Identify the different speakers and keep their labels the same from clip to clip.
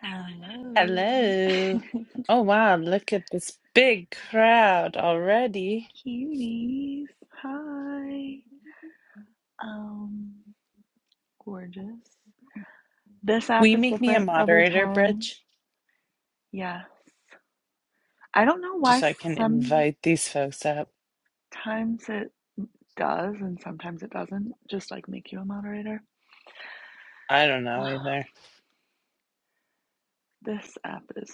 Speaker 1: Hello.
Speaker 2: Hello. Oh wow, look at this big crowd already.
Speaker 1: Cuties. Hi. Um, gorgeous. This
Speaker 2: Will
Speaker 1: app
Speaker 2: you
Speaker 1: is
Speaker 2: make me a
Speaker 1: different every
Speaker 2: moderator,
Speaker 1: time.
Speaker 2: Bridge?
Speaker 1: Yes. I don't know
Speaker 2: Just
Speaker 1: why
Speaker 2: so I can
Speaker 1: sometimes
Speaker 2: invite these folks up.
Speaker 1: it does and sometimes it doesn't. Just like make you a moderator.
Speaker 2: I don't know either.
Speaker 1: This app is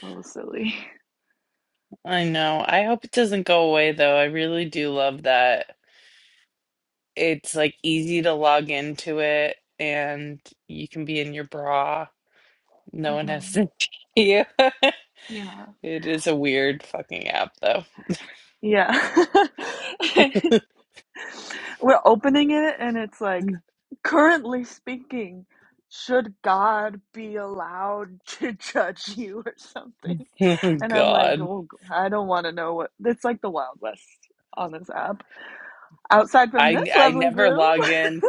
Speaker 1: so silly.
Speaker 2: I know. I hope it doesn't go away though. I really do love that. It's like easy to log into it and you can be in your bra. No one has
Speaker 1: Mhm.
Speaker 2: to see you.
Speaker 1: Yeah.
Speaker 2: It is a weird fucking app though.
Speaker 1: Yeah. We're opening it and it's like, currently speaking, should God be allowed to judge you or something?
Speaker 2: Oh
Speaker 1: And I'm like,
Speaker 2: God.
Speaker 1: oh, I don't want to know what. It's like the Wild West on this app. Outside from
Speaker 2: I
Speaker 1: this
Speaker 2: I
Speaker 1: lovely
Speaker 2: never
Speaker 1: group.
Speaker 2: log in.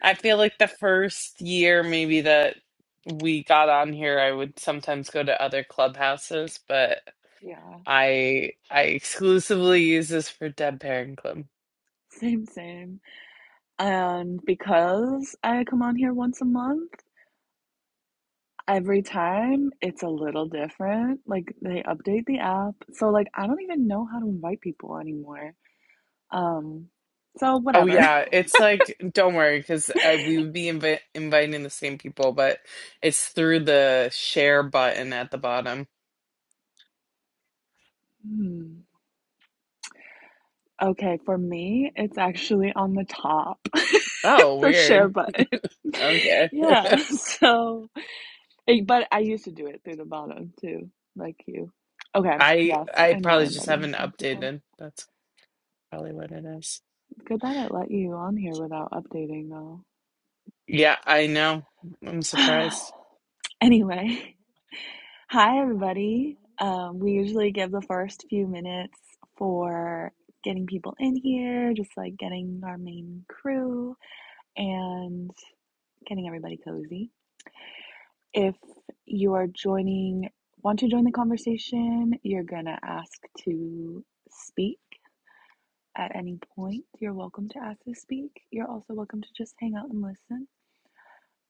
Speaker 2: I feel like the first year maybe that we got on here, I would sometimes go to other clubhouses, but
Speaker 1: Yeah,
Speaker 2: I I exclusively use this for Dead Parent Club.
Speaker 1: same, same. And because I come on here once a month, every time it's a little different. Like they update the app. So like I don't even know how to invite people anymore. Um, so
Speaker 2: Oh
Speaker 1: whatever.
Speaker 2: yeah, it's like don't worry because we would be invi inviting the same people, but it's through the share button at the bottom.
Speaker 1: Hmm. Okay, for me, it's actually on the top,
Speaker 2: Oh,
Speaker 1: the share
Speaker 2: weird.
Speaker 1: button.
Speaker 2: Okay,
Speaker 1: Yeah, so, eh, but I used to do it through the bottom too, like you. Okay,
Speaker 2: I
Speaker 1: yes,
Speaker 2: I
Speaker 1: I know we're
Speaker 2: probably just
Speaker 1: inviting the
Speaker 2: haven't
Speaker 1: same people.
Speaker 2: updated. That's probably what it is.
Speaker 1: It's good that it let you on here without updating though.
Speaker 2: Yeah, I know. I'm surprised.
Speaker 1: Anyway, hi everybody. Um, we usually give the first few minutes for getting people in here, just like getting our main crew. and getting everybody cozy. If you are joining, want to join the conversation, you're going to ask to speak at any point. You're welcome to ask to speak. You're also welcome to just hang out and listen.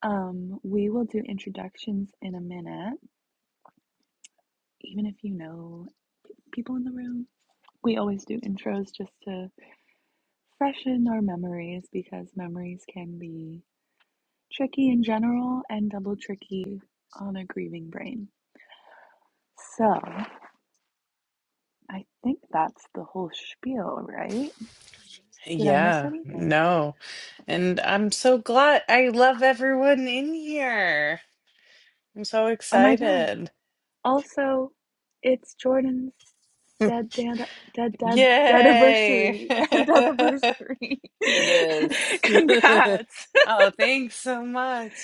Speaker 1: Um, we will do introductions in a minute, even if you know people in the room. We always do intros just to freshen our memories because memories can be tricky in general and double tricky on a grieving brain. So, I think that's the whole spiel, right? Did I miss
Speaker 2: Yeah,
Speaker 1: anything?
Speaker 2: no. And I'm so glad. I love everyone in here. I'm so
Speaker 1: Oh my god.
Speaker 2: excited.
Speaker 1: Also, it's Jordan's dead dead dead dead dead
Speaker 2: Yay!
Speaker 1: anniversary. death anniversary.
Speaker 2: It is.
Speaker 1: Congrats.
Speaker 2: Oh, thanks so much.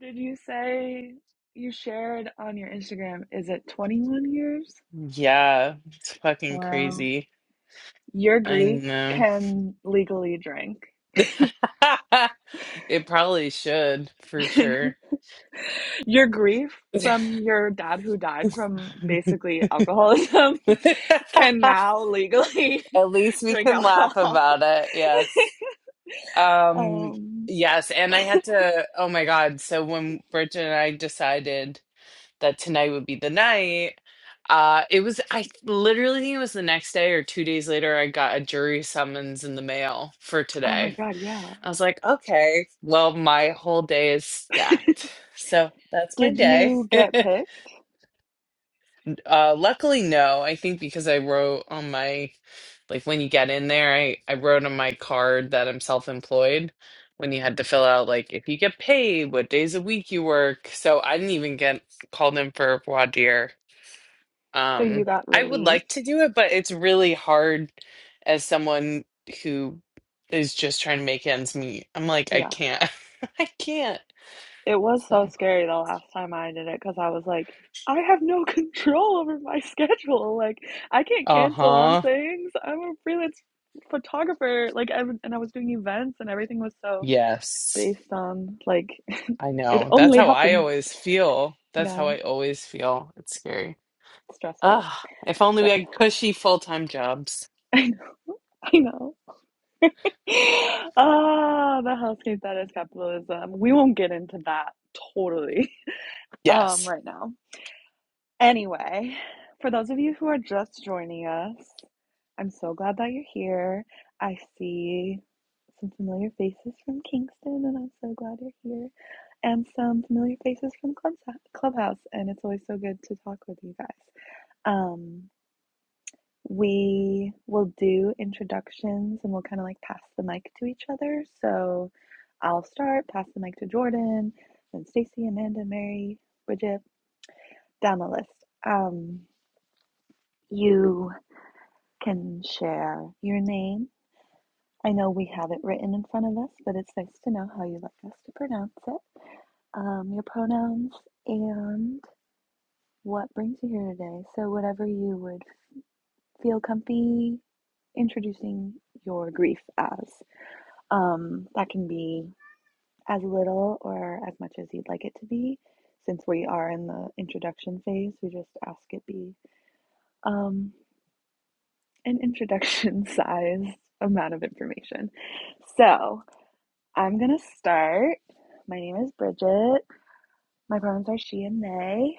Speaker 1: Did you say you shared on your Instagram is it 21 years?
Speaker 2: Yeah, it's fucking
Speaker 1: Wow.
Speaker 2: crazy.
Speaker 1: Your
Speaker 2: I
Speaker 1: grief
Speaker 2: know.
Speaker 1: can legally drink.
Speaker 2: It probably should, for sure.
Speaker 1: your grief
Speaker 2: At
Speaker 1: from your dad who died from basically alcoholism can now legally
Speaker 2: least we
Speaker 1: drink
Speaker 2: can laugh
Speaker 1: alcohol.
Speaker 2: about it. Yes. Um,
Speaker 1: Um,
Speaker 2: yes, and I had to, oh my God. So when Bridget and I decided that tonight would be the night, uh, it was, I literally think it was the next day or two days later, I got a jury summons in the mail for
Speaker 1: oh my
Speaker 2: today.
Speaker 1: God, yeah.
Speaker 2: I was like, okay, well, my whole day is stacked. So that's my
Speaker 1: Did
Speaker 2: day.
Speaker 1: you get picked?
Speaker 2: Uh, luckily, no. I think because I wrote on my, like when you get in there, I, I wrote on my card that I'm self-employed when you had to fill out like if you get paid, what days a week you work. So I didn't even get called in for voir dire.
Speaker 1: So you
Speaker 2: Um,
Speaker 1: got
Speaker 2: I would
Speaker 1: released?
Speaker 2: like to do it, but it's really hard as someone who is just trying to make ends meet. I'm like, I
Speaker 1: Yeah.
Speaker 2: can't. I can't.
Speaker 1: It was so
Speaker 2: So,
Speaker 1: scary the last time I did it because I was like, I have no control over my schedule. Like, I can't cancel on
Speaker 2: uh-huh.
Speaker 1: things. I'm a freelance photographer. Like, I, w- and I was doing events and everything was so
Speaker 2: Yes.
Speaker 1: based on, like,
Speaker 2: I
Speaker 1: it
Speaker 2: know. That's
Speaker 1: only
Speaker 2: how I
Speaker 1: happens.
Speaker 2: always feel. That's
Speaker 1: Yeah,
Speaker 2: how I always feel. It's scary.
Speaker 1: stressful.
Speaker 2: Ah, if only we
Speaker 1: But
Speaker 2: had cushy full-time jobs.
Speaker 1: I know. I know. Ah, the hellscape that is capitalism. We won't get into that totally um
Speaker 2: Yes.
Speaker 1: right now. Anyway, for those of you who are just joining us, I'm so glad that you're here. I see some familiar faces from Kingston, and I'm so glad you're here. And some familiar faces from Clubs- Clubhouse, and it's always so good to talk with you guys. Um, we will do introductions and we'll kind of like pass the mic to each other. So I'll start, pass the mic to Jordan, then Stacy, Amanda, Mary, Bridget, down the list. Um, you can share your name. I know we have it written in front of us, but it's nice to know how you like us to pronounce it, um, your pronouns, and what brings you here today. So, whatever you would feel comfy introducing your grief as. Um, that can be as little or as much as you'd like it to be. Since we are in the introduction phase, we just ask it be um, an introduction size amount of information. So I'm going to start. My name is Bridget. My pronouns are she and they.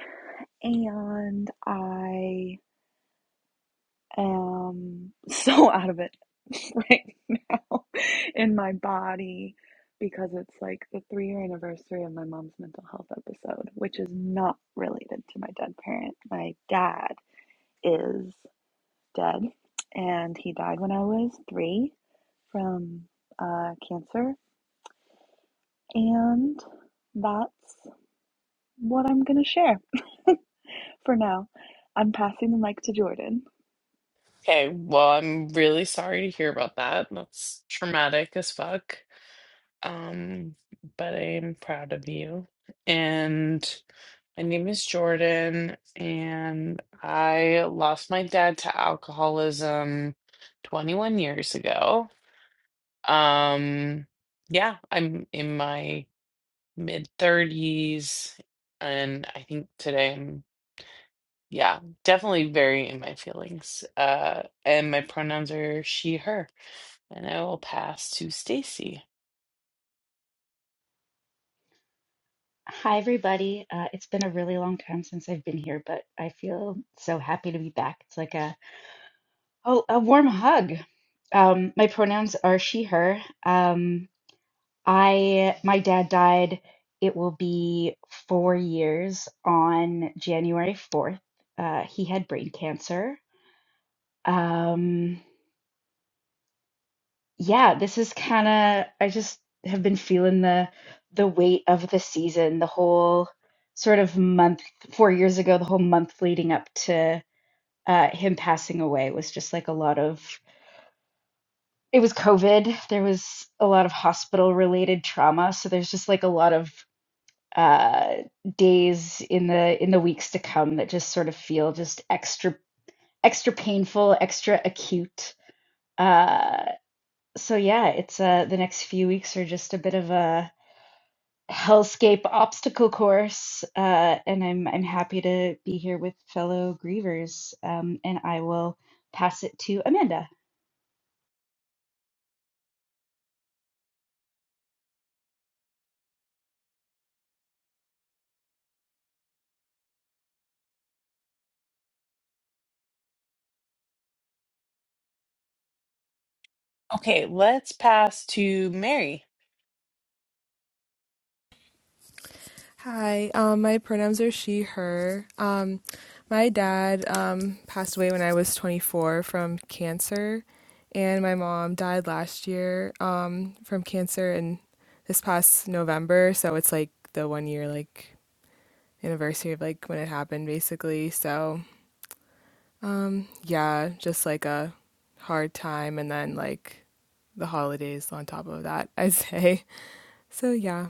Speaker 1: And I um so out of it right now in my body because it's like the three year anniversary of my mom's mental health episode, which is not related to my dead parent. My dad is dead and he died when I was three from uh, cancer. And that's what I'm going to share for now. I'm passing the mic to Jordan.
Speaker 2: Okay, well, I'm really sorry to hear about that. That's traumatic as fuck. Um, but I am proud of you. And my name is Jordan, and I lost my dad to alcoholism 21 years ago. Um, yeah, I'm in my mid 30s and i think today i'm yeah definitely very in my feelings uh and my pronouns are she her and i will pass to stacy
Speaker 3: Hi, everybody. Uh, it's been a really long time since I've been here, but I feel so happy to be back. It's like a oh, a warm hug. Um, my pronouns are she, her. Um, I my dad died. It will be four years on January 4th. Uh, he had brain cancer. Um, yeah, this is kind of I just have been feeling the the weight of the season, the whole sort of month 4 years ago, the whole month leading up to uh him passing away was just like a lot of it was COVID. There was a lot of hospital related trauma, so there's just like a lot of uh days in the in the weeks to come that just sort of feel just extra extra painful, extra acute. Uh, So yeah, it's uh the next few weeks are just a bit of a hellscape obstacle course, uh, and I'm I'm happy to be here with fellow grievers. Um, and I will pass it to Amanda.
Speaker 2: okay let's pass to mary
Speaker 4: Hi, um, my pronouns are she, her. Um, my dad um, passed away when I was 24 from cancer, and my mom died last year um, from cancer in this past November. So it's like the one year like anniversary of like when it happened, basically. So um, yeah, just like a hard time, and then like the holidays on top of that, I'd say. So yeah.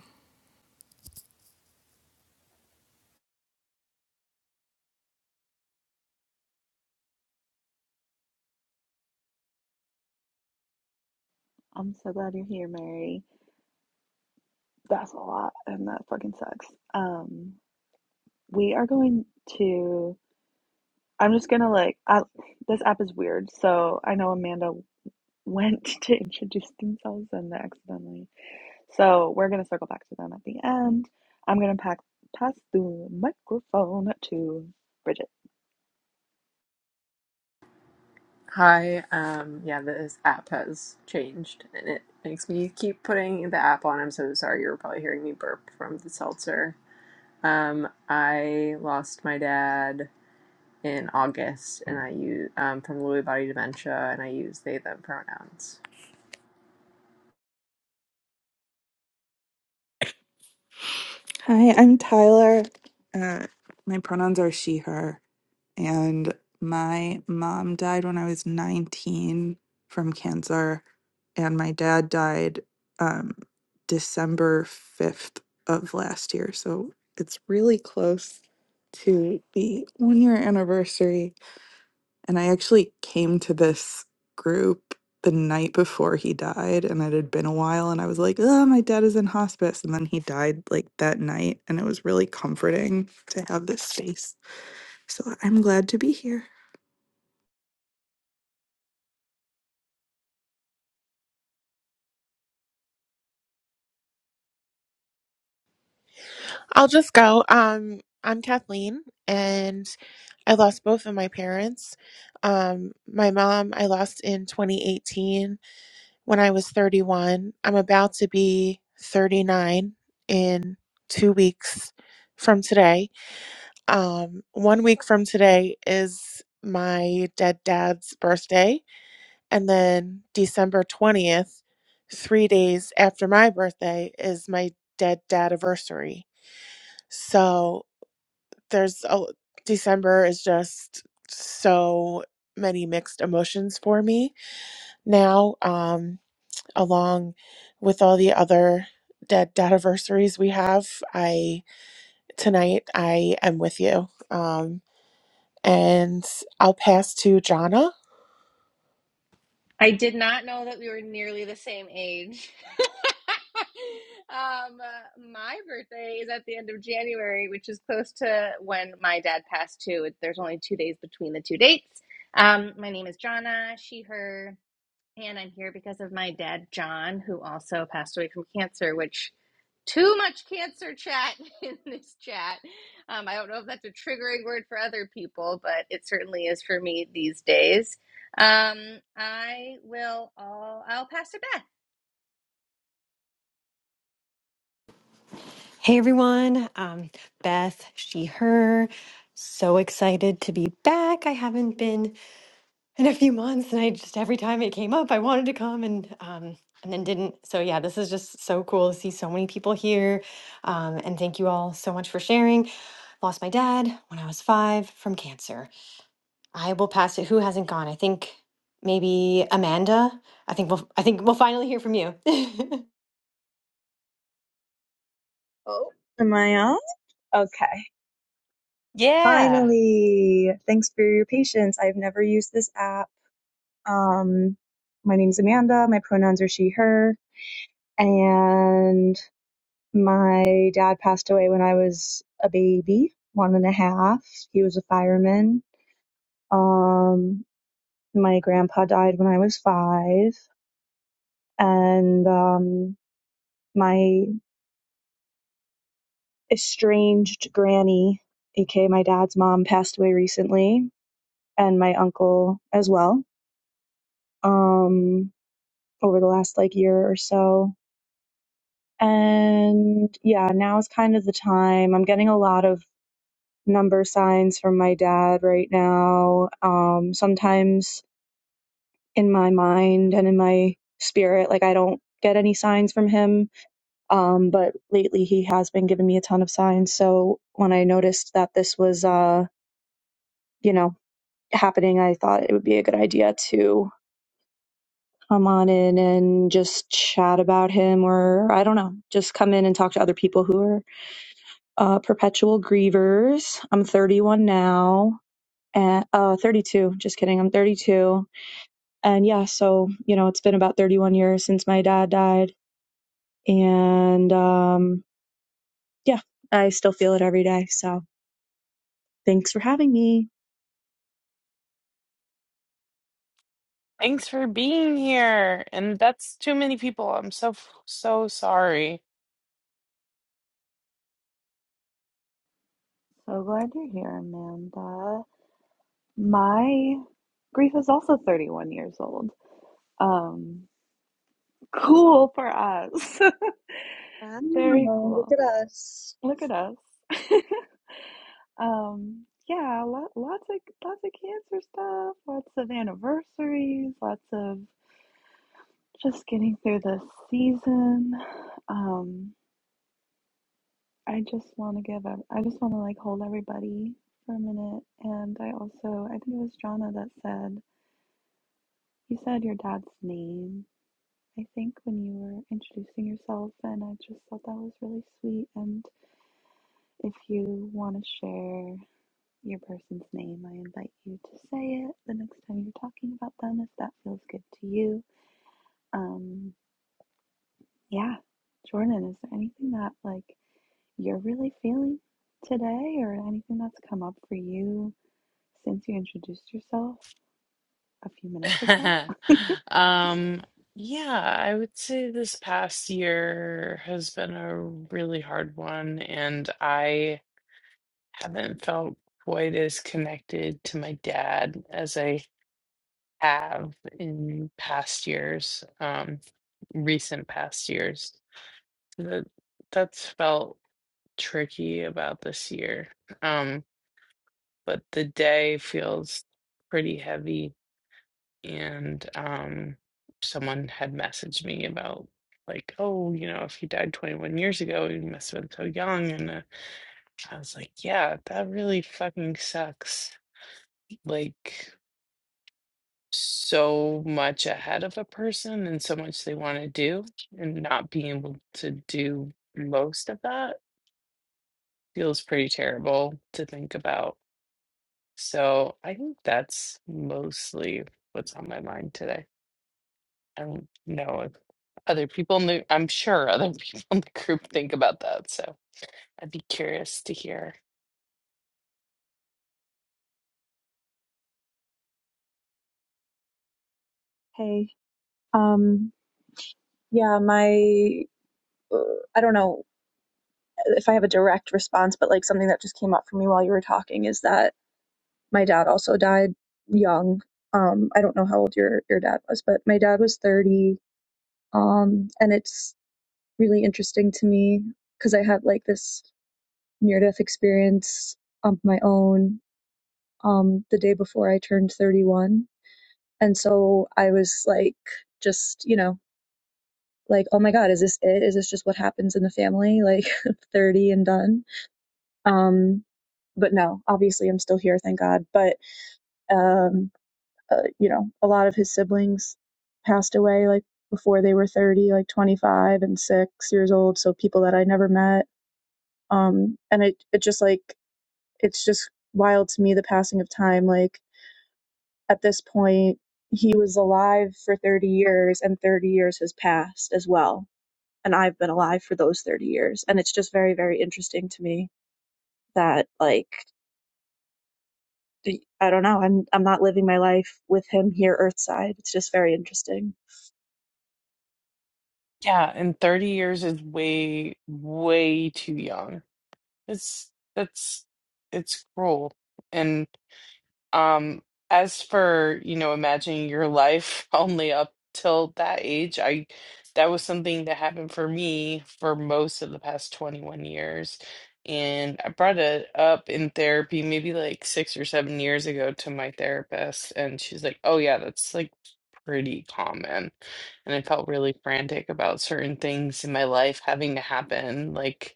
Speaker 1: I'm so glad you're here, Mary. That's a lot, and that fucking sucks. Um, we are going to. I'm just gonna like. I, this app is weird, so I know Amanda went to introduce themselves and accidentally. So we're gonna circle back to them at the end. I'm gonna pack, pass the microphone to Bridget.
Speaker 5: Hi, um, yeah, this app has changed and it makes me keep putting the app on. I'm so sorry, you were probably hearing me burp from the seltzer. Um, I lost my dad in August and I use um, from Lewy body dementia and I use they them pronouns.
Speaker 6: Hi, I'm Tyler. Uh, my pronouns are she, her, and my mom died when I was 19 from cancer, and my dad died um, December 5th of last year. So it's really close to the one year anniversary. And I actually came to this group the night before he died, and it had been a while. And I was like, oh, my dad is in hospice. And then he died like that night. And it was really comforting to have this space. So I'm glad to be here.
Speaker 7: I'll just go. Um, I'm Kathleen, and I lost both of my parents. Um, my mom I lost in 2018 when I was 31. I'm about to be 39 in two weeks from today. Um, one week from today is my dead dad's birthday, and then December 20th, three days after my birthday, is my dead dad anniversary. So there's a December is just so many mixed emotions for me now, um, along with all the other dead anniversaries we have. I tonight I am with you, um, and I'll pass to Jonna.
Speaker 8: I did not know that we were nearly the same age. um, uh, my birthday is at the end of January, which is close to when my dad passed too. It- There's only two days between the two dates. Um, my name is Jonna, she, her, and I'm here because of my dad, John, who also passed away from cancer, which too much cancer chat in this chat. Um, I don't know if that's a triggering word for other people, but it certainly is for me these days. Um, I will. all I'll pass to Beth.
Speaker 9: Hey everyone, um, Beth, she, her. So excited to be back. I haven't been in a few months, and I just every time it came up, I wanted to come and um, and then didn't. So yeah, this is just so cool to see so many people here, um, and thank you all so much for sharing. Lost my dad when I was five from cancer. I will pass it. Who hasn't gone? I think maybe Amanda. I think we'll I think we'll finally hear from you.
Speaker 10: Oh, am I on? Okay.
Speaker 2: yeah
Speaker 10: Finally. Thanks for your patience. I've never used this app. Um, my name's Amanda. My pronouns are she, her. And my dad passed away when I was a baby, one and a half. He was a fireman. Um, my grandpa died when I was five. And um, my estranged granny, aka my dad's mom, passed away recently and my uncle as well um, over the last like year or so. And yeah, now is kind of the time. I'm getting a lot of number signs from my dad right now. Um, sometimes in my mind and in my spirit, like I don't get any signs from him. Um, but lately he has been giving me a ton of signs. So when I noticed that this was, uh, you know, happening, I thought it would be a good idea to come on in and just chat about him or I don't know, just come in and talk to other people who are uh, perpetual grievers. I'm 31 now. And, uh, 32. Just kidding. I'm 32. And yeah, so, you know, it's been about 31 years since my dad died. And um, yeah, I still feel it every day. So thanks for having me.
Speaker 2: thanks for being here and that's too many people i'm so so sorry
Speaker 1: So glad you're here, Amanda. My grief is also 31 years old. Um, cool for us. Very
Speaker 10: Wow, look
Speaker 1: cool.
Speaker 10: at us.
Speaker 1: Look at us. Um, yeah, lot, lots of lots of cancer stuff, lots of anniversaries, lots of just getting through the season. Um, I just want to give ev- I just want to like hold everybody for a minute. And I also, I think it was Jonna that said you said your dad's name. I think when you were introducing yourself, and I just thought that was really sweet. And if you want to share. your person's name. I invite you to say it the next time you're talking about them if that feels good to you. Um, yeah, Jordan, is there anything that like you're really feeling today or anything that's come up for you since you introduced yourself a few minutes ago?
Speaker 2: um yeah i would say this past year has been a really hard one and i haven't felt quite as connected to my dad as I have in past years, um, recent past years. That that's felt tricky about this year. Um, but the day feels pretty heavy, and um, someone had messaged me about like, oh, you know, if he died 21 years ago, he must have been so young, and uh, I was like, yeah, that really fucking sucks. Like. so much ahead of a person and so much they want to do and not being able to do most of that feels pretty terrible to think about. So I think that's mostly what's on my mind today. I don't know if other people in the I'm sure other people in the group think about that. So I'd be curious to hear.
Speaker 10: Hey, um, yeah, my, uh, I don't know. if I have a direct response, but like something that just came up for me while you were talking is that my dad also died young. Um, I don't know how old your your dad was, but my dad was 30. Um, and it's really interesting to me because I had like this near death experience of my own um the day before I turned 31. And so I was like just, you know, like, oh my God, is this it? Is this just what happens in the family? Like 30 and done. Um, but no, obviously I'm still here, thank God. But um, uh, you know, a lot of his siblings passed away like before they were 30, like 25 and 6 years old, so people that I never met. Um, and it it just like it's just wild to me the passing of time like at this point he was alive for 30 years and 30 years has passed as well and I've been alive for those 30 years and it's just very very interesting to me that like I don't know. I'm I'm not living my life with him here earthside. It's just very interesting.
Speaker 2: Yeah, and 30 years is way, way too young. It's that's it's cruel. and. Um, as for, you know, imagining your life only up till that age, I that was something that happened for me for most of the past 21 years. And I brought it up in therapy maybe like six or seven years ago to my therapist, and she's like, "Oh yeah, that's like pretty common." And I felt really frantic about certain things in my life having to happen, like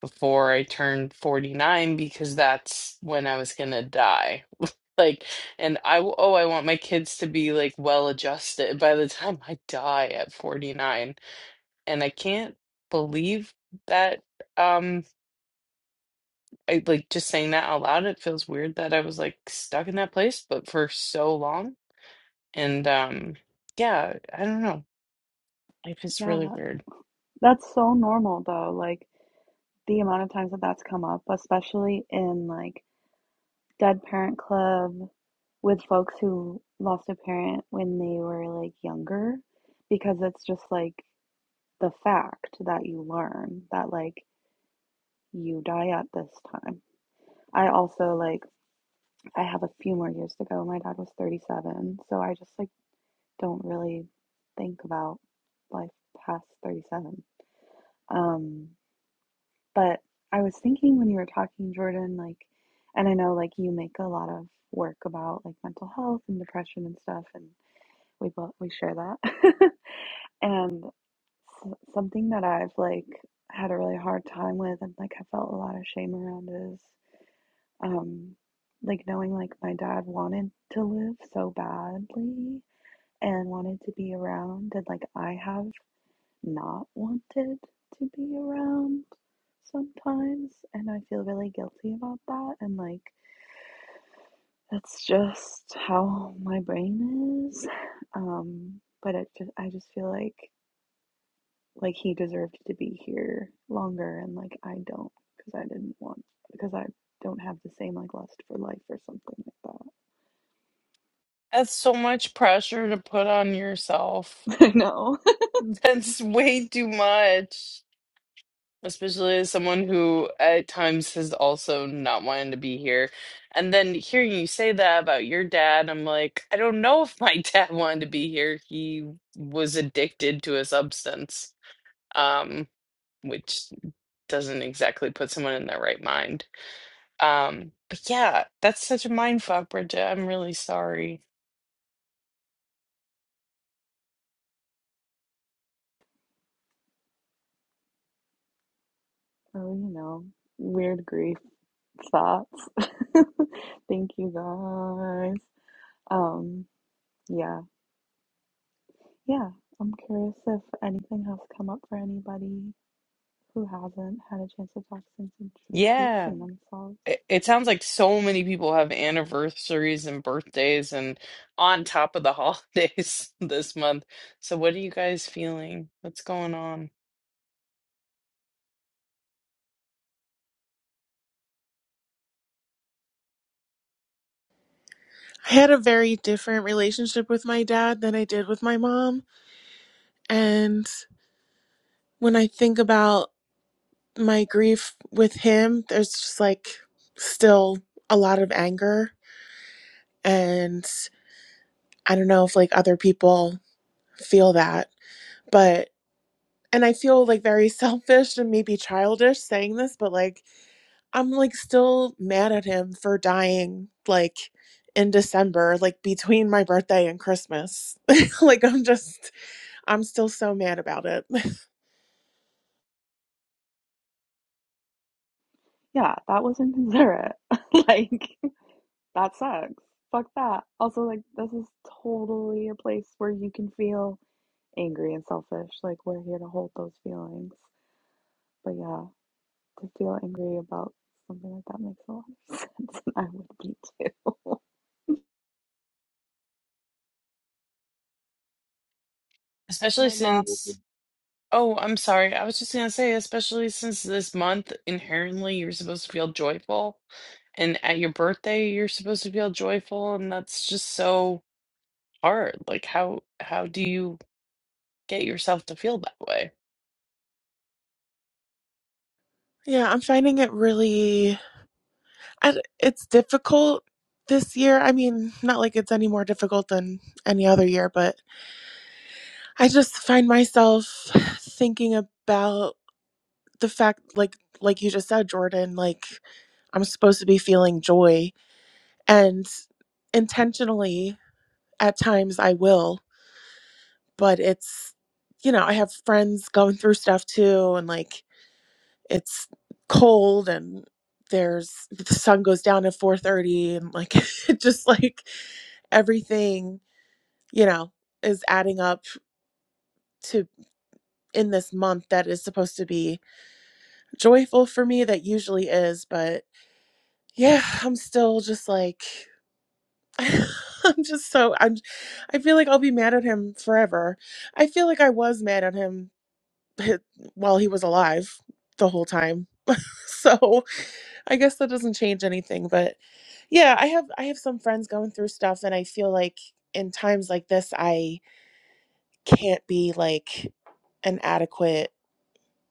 Speaker 2: before I turned 49 because that's when I was gonna die. Like, and I, w- oh, I want my kids to be like well adjusted by the time I die at 49. And I can't believe that, um, I like just saying that out loud, it feels weird that I was like stuck in that place, but for so long. And, um, yeah, I don't know. Life is really
Speaker 1: Yeah,
Speaker 2: weird.
Speaker 1: that's so normal though. Like the amount of times that that's come up, especially in like Dead Parent Club with folks who lost a parent when they were like younger because it's just like the fact that you learn that like you die at this time. I also like I have a few more years to go. My dad was 37, so I just like don't really think about life past 37. Um but I was thinking when you were talking Jordan like and I know like you make a lot of work about like mental health and depression and stuff and we both we share that and s- something that i've like had a really hard time with and like i felt a lot of shame around is um like knowing like my dad wanted to live so badly and wanted to be around and like i have not wanted to be around sometimes and i feel really guilty about that and like that's just how my brain is um but it just i just feel like Like he deserved to be here longer, and like I don't, because I didn't want, because I don't have the same like lust for life or something like
Speaker 2: That's so much pressure to put on yourself.
Speaker 1: that. I know.
Speaker 2: That's way too much. especially as someone who at times has also not wanted to be here. And then hearing you say that about your dad, I'm like, I don't know if my dad wanted to be here. He was addicted to a substance, um, which doesn't exactly put someone in their right mind. Um, but yeah, that's such a mind fuck, Bridget. I'm really sorry.
Speaker 1: Oh, you know, weird grief thoughts. Thank you guys. Um, yeah, yeah. I'm curious if anything has come up for anybody who hasn't had a chance to talk since
Speaker 2: Yeah.
Speaker 1: introducing themselves.
Speaker 2: It it sounds like so many people have anniversaries and birthdays and on top of the holidays this month. So what are you guys feeling? What's going on?
Speaker 7: I had a very different relationship with my dad than I did with my mom, and when I think about my grief with him, there's just like still a lot of anger And I don't know if like other people feel that, but and I feel like very selfish and maybe childish saying this, but like I'm like still mad at him for dying like in December, like between my birthday and Christmas. like I'm just I'm still so mad about it.
Speaker 1: Yeah, that was inconsiderate. like, That sucks. Fuck that. Also, like, this is totally a place where you can feel angry and selfish. Like, we're here to hold those feelings. But yeah, to feel angry about something like that makes a lot of sense. And I would be too.
Speaker 2: Especially
Speaker 10: My mom,
Speaker 2: since, oh, I'm sorry. I was just gonna say, especially since this month inherently you're supposed to feel joyful, and at your birthday you're supposed to feel joyful, and that's just so hard. Like how how do you get yourself to feel that way?
Speaker 7: yeah, I'm finding it really I, it's difficult this year. I mean, not like it's any more difficult than any other year, but I just find myself thinking about the fact like like you just said Jordan like I'm supposed to be feeling joy and intentionally at times I will but it's you know I have friends going through stuff too and like it's cold and there's the sun goes down at 4:30 and like it just like everything you know is adding up to in this month that is supposed to be joyful for me that usually is but yeah i'm still just like i'm just so i'm i feel like i'll be mad at him forever i feel like i was mad at him while he was alive the whole time so i guess that doesn't change anything but yeah i have i have some friends going through stuff and i feel like in times like this i can't be like an adequate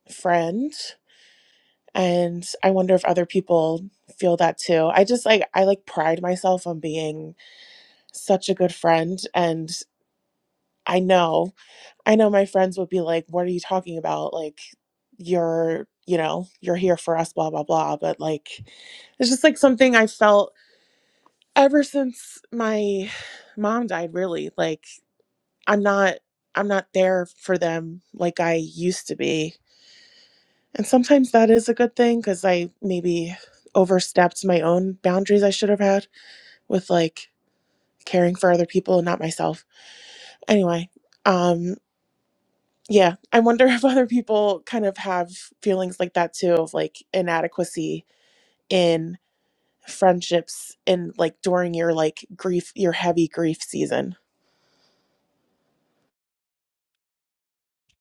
Speaker 7: friend And I wonder if other people feel that too. I just like, I like pride myself on being such a good friend. And I know, I know my friends would be like, what are you talking about? Like, you're, you know, you're here for us, blah, blah, blah. But like, it's just like something I felt ever since my mom died, really. Like, I'm not, I'm not there for them like I used to be And sometimes that is a good thing because I maybe overstepped my own boundaries I should have had with like caring for other people and not myself. Anyway, um, yeah, I wonder if other people kind of have feelings like that too of like inadequacy in friendships and like during your like grief, your heavy grief season.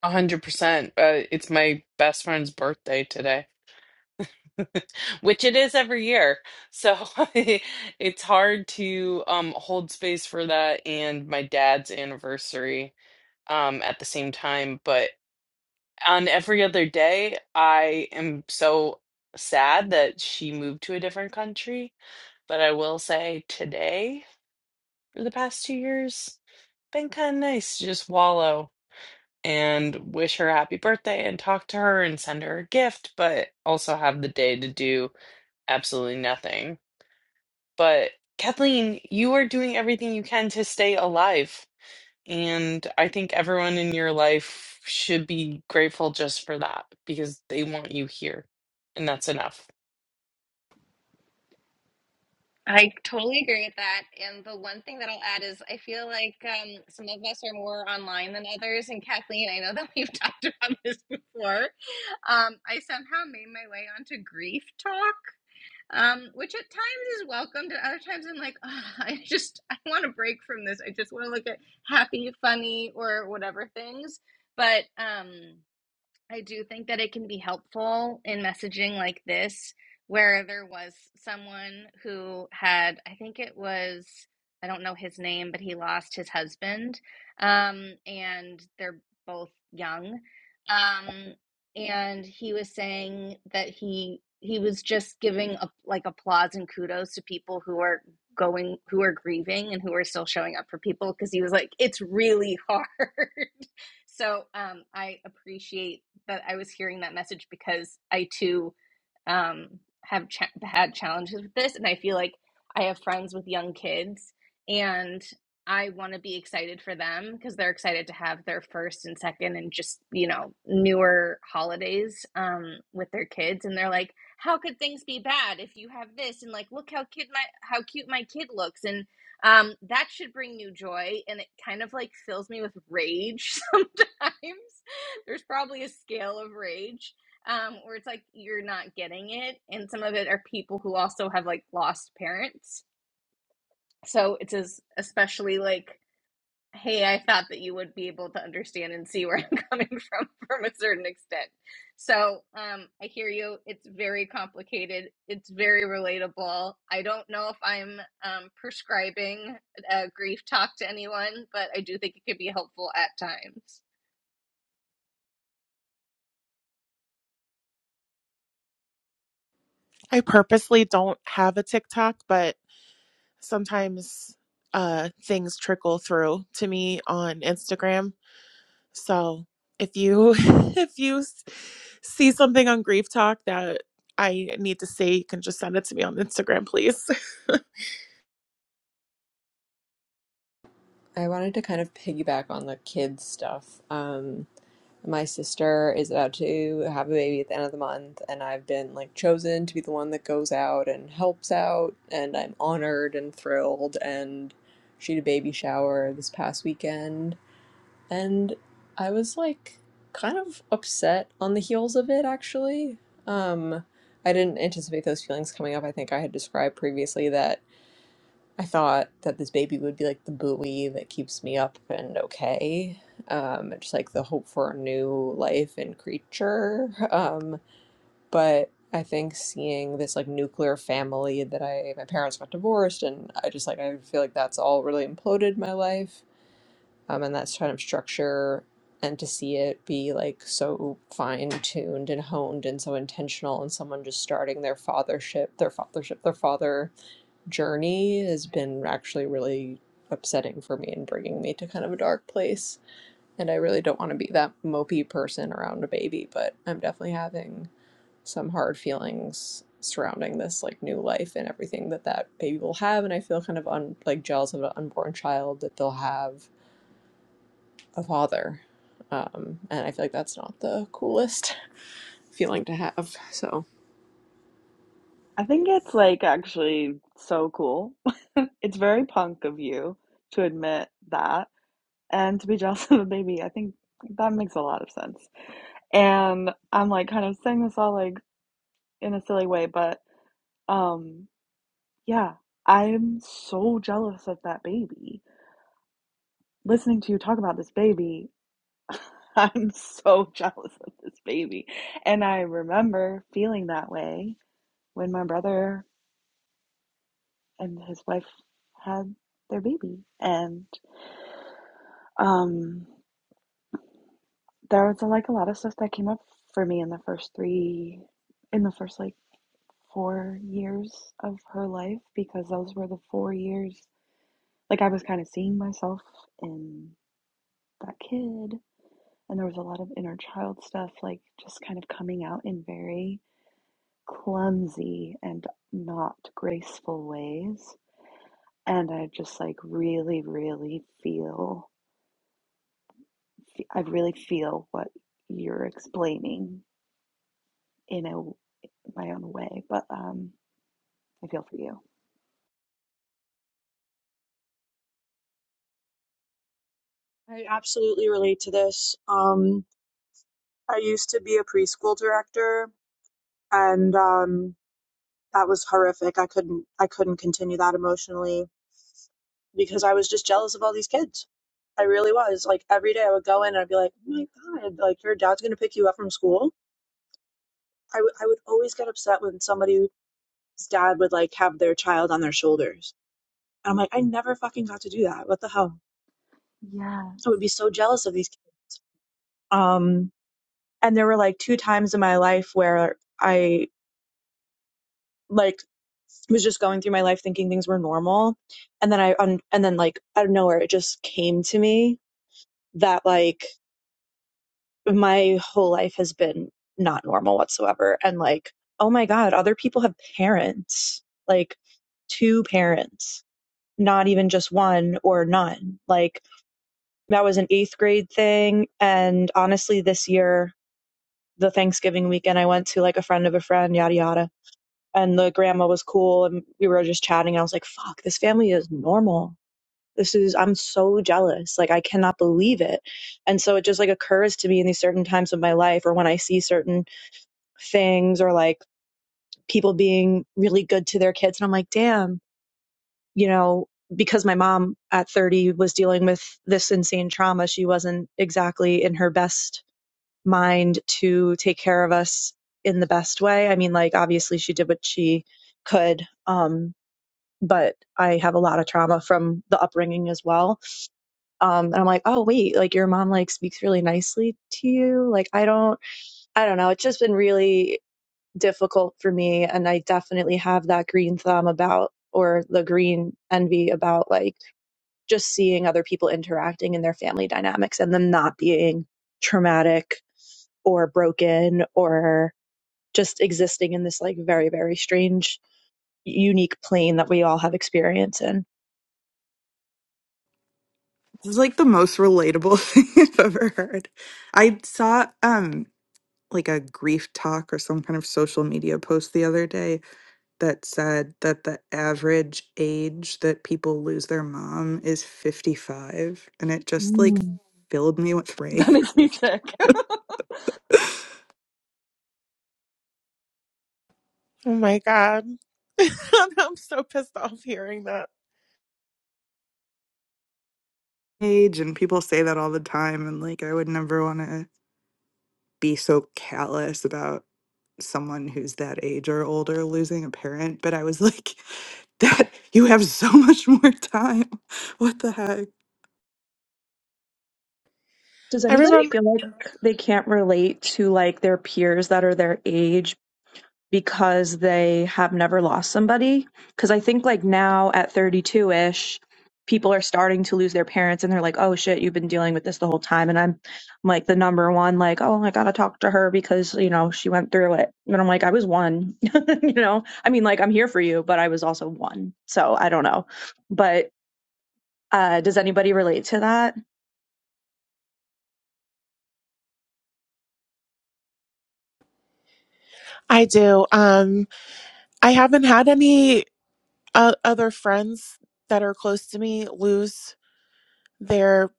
Speaker 2: 100%. Uh, it's my best friend's birthday today. which it is every year. So it's hard to um, hold space for that and my dad's anniversary um, at the same time. But on every other day, I am so sad that she moved to a different country. But I will say today, for the past two years, been kind of nice to just wallow and wish her happy birthday and talk to her and send her a gift, but also have the day to do absolutely nothing But Kathleen, you are doing everything you can to stay alive. And I think everyone in your life should be grateful just for that because they want you here. And that's enough.
Speaker 8: I totally agree with that. And the one thing that I'll add is I feel like um, some of us are more online than others. And Kathleen, I know that we've talked about this before. Um, I somehow made my way onto grief talk. um, which at times is welcomed, and other times I'm like, "Ugh, I just I want to break from this. I just want to look at happy, funny, or whatever things. But um, I do think that it can be helpful in messaging like this, where there was someone who had, I think it was, I don't know his name, but he lost his husband. Um, and they're both young. Um, and he was saying that he he was just giving a, like applause and kudos to people who are going who are grieving and who are still showing up for people because he was like it's really hard so um, I appreciate that I was hearing that message because I too um, have cha- had challenges with this, and I feel like I have friends with young kids, and I want to be excited for them because they're excited to have their first and second and just you know newer holidays um, with their kids, and they're like, "How could things be bad if you have this?" And like, "Look how kid my how cute my kid looks," and um, that should bring you joy, and it kind of like fills me with rage sometimes there's probably a scale of rage um, where it's like you're not getting it. And some of it are people who also have like lost parents. So it's as, especially like, hey, I thought that you would be able to understand and see where I'm coming from from a certain extent. So um, I hear you. It's very complicated. It's very relatable. I don't know if I'm um, prescribing a grief talk to anyone, but I do think it could be helpful at times.
Speaker 7: I purposely don't have a TikTok, but sometimes uh, things trickle through to me on Instagram So if you if you s- see something on Grief Talk that I need to see, you can just send it to me on Instagram, please. oh
Speaker 5: I wanted to kind of piggyback on the kids stuff. Um, My sister is about to have a baby at the end of the month, and I've been like chosen to be the one that goes out and helps out, and I'm honored and thrilled. And she had a baby shower this past weekend, and I was like kind of upset on the heels of it actually. Um, I didn't anticipate those feelings coming up. I think I had described previously that. I thought that this baby would be like the buoy that keeps me up and okay. Um, just like the hope for a new life and creature. Um, but I think seeing this like nuclear family that I, my parents got divorced, and I just like, I feel like that's all really imploded my life. Um, and that's kind of structure. And to see it be like so fine tuned and honed and so intentional, and someone just starting their fathership, their fathership, their father journey has been actually really upsetting for me and bringing me to kind of a dark place. And I really don't want to be that mopey person around a baby, but I'm definitely having some hard feelings surrounding this like new life and everything that that baby will have. And I feel kind of un- like jealous of an unborn child that they'll have a father. Um, and I feel like that's not the coolest feeling to have. So
Speaker 1: I think it's like actually so cool. It's very punk of you to admit that and to be jealous of a baby. I think that makes a lot of sense. And I'm like kind of saying this all like in a silly way, but um yeah, I'm so jealous of that baby. Listening to you talk about this baby, I'm so jealous of this baby. And I remember feeling that way when my brother and his wife had their baby. And Um, there was like a lot of stuff that came up for me in the first three, in the first like four years of her life because those were the four years like I was kind of seeing myself in that kid, and there was a lot of inner child stuff like just kind of coming out in very clumsy and not graceful ways. And I just like really, really feel, I really feel what you're explaining in a. my own way, but um, I feel for you.
Speaker 10: I absolutely relate to this. Um, I used to be a preschool director, and um, that was horrific. I couldn't I couldn't continue that emotionally because I was just jealous of all these kids. I really was. Like every day, I would go in and I'd be like, "Oh my god! Like your dad's gonna pick you up from school." I w- I would always get upset when somebody's dad would like have their child on their shoulders And I'm like, I never fucking got to do that. What the hell?
Speaker 1: Yeah,
Speaker 10: I would be so jealous of these. kids. Um, and there were like two times in my life where I like was just going through my life thinking things were normal, and then I um, and then like out of nowhere it just came to me that like my whole life has been not normal whatsoever, and like oh my god, other people have parents like two parents, not even just one or none, like That was an eighth grade thing. And honestly, this year, the Thanksgiving weekend, I went to like a friend of a friend, yada, yada. And the grandma was cool. And we were just chatting. I was like, fuck, this family is normal. This is, I'm so jealous. Like, I cannot believe it. And so it just like occurs to me in these certain times of my life or when I see certain things or like people being really good to their kids. And I'm like, damn, you know, because my mom at 30 was dealing with this insane trauma, she wasn't exactly in her best mind to take care of us in the best way. I mean, like, obviously she did what she could. Um, but I have a lot of trauma from the upbringing as well. Um, and I'm like, oh, wait, like your mom like speaks really nicely to you. Like, I don't, I don't know. It's just been really difficult for me. And I definitely have that green thumb about, or the green envy about like just seeing other people interacting in their family dynamics and them not being traumatic or broken or just existing in this like very very strange unique plane that we all have experience in
Speaker 6: This is like the most relatable thing I've ever heard. I saw um like a grief talk or some kind of social media post the other day that said that the average age that people lose their mom is 55 and it just like
Speaker 10: Mm.
Speaker 6: filled me with
Speaker 1: That
Speaker 6: rage
Speaker 1: makes me sick.
Speaker 7: my god, I'm so pissed off hearing that.
Speaker 6: Age, and people say that all the time and like I would never want to be so callous about someone who's that age or older losing a parent but I was like that you have so much more time what the heck
Speaker 10: Does
Speaker 7: I
Speaker 10: anybody
Speaker 7: remember
Speaker 10: feel like they can't relate to like their peers that are their age because they have never lost somebody. Because I think like now at 32 ish, people are starting to lose their parents and they're like, oh shit, you've been dealing with this the whole time. And I'm, I'm like the number one, like, oh, I gotta talk to her because, you know, she went through it. And I'm like, I was one, you know? I mean, like, I'm here for you, but I was also one. So I don't know. But uh, does anybody relate to that?
Speaker 7: I do. Um, I haven't had any uh, other friends that are close to me lose their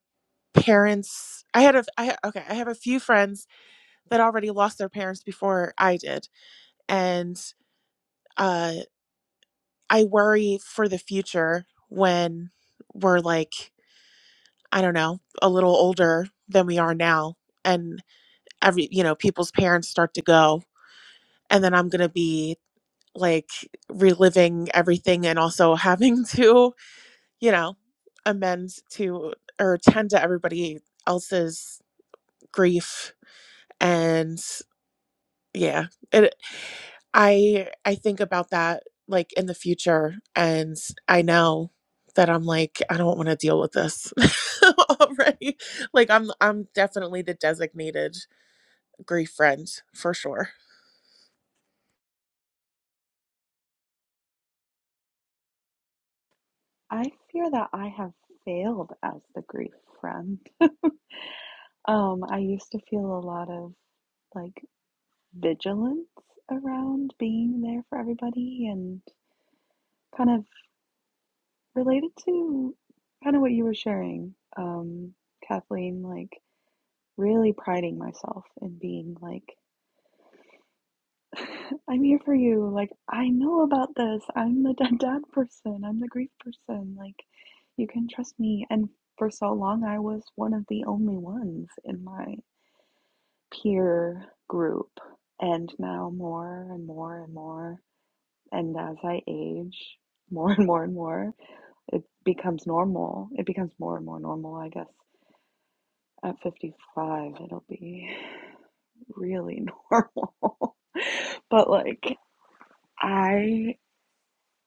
Speaker 7: parents. I had a I ha- okay. I have a few friends that already lost their parents before I did, and. uh. I worry for the future when we're like, I don't know, a little older than we are now. And every, you know, people's parents start to go. And then I'm going to be like reliving everything and also having to, you know, amend to or tend to everybody else's grief. And yeah, it. I I think about that like in the future and I know that I'm like I don't want to deal with this already. Like I'm I'm definitely the designated grief friend for sure.
Speaker 1: I fear that I have failed as the grief friend. Um, I used to feel a lot of like vigilance around being there for everybody and kind of related to kind of what you were sharing, um, Kathleen, like really priding myself in being like I'm here for you. Like, I know about this. I'm the dead dad person. I'm the grief person. Like, you can trust me. And for so long, I was one of the only ones in my peer group. And now more and more and more. And as I age, more and more and more, it becomes normal. It becomes more and more normal, I guess. At 55, it'll be really normal. But like, I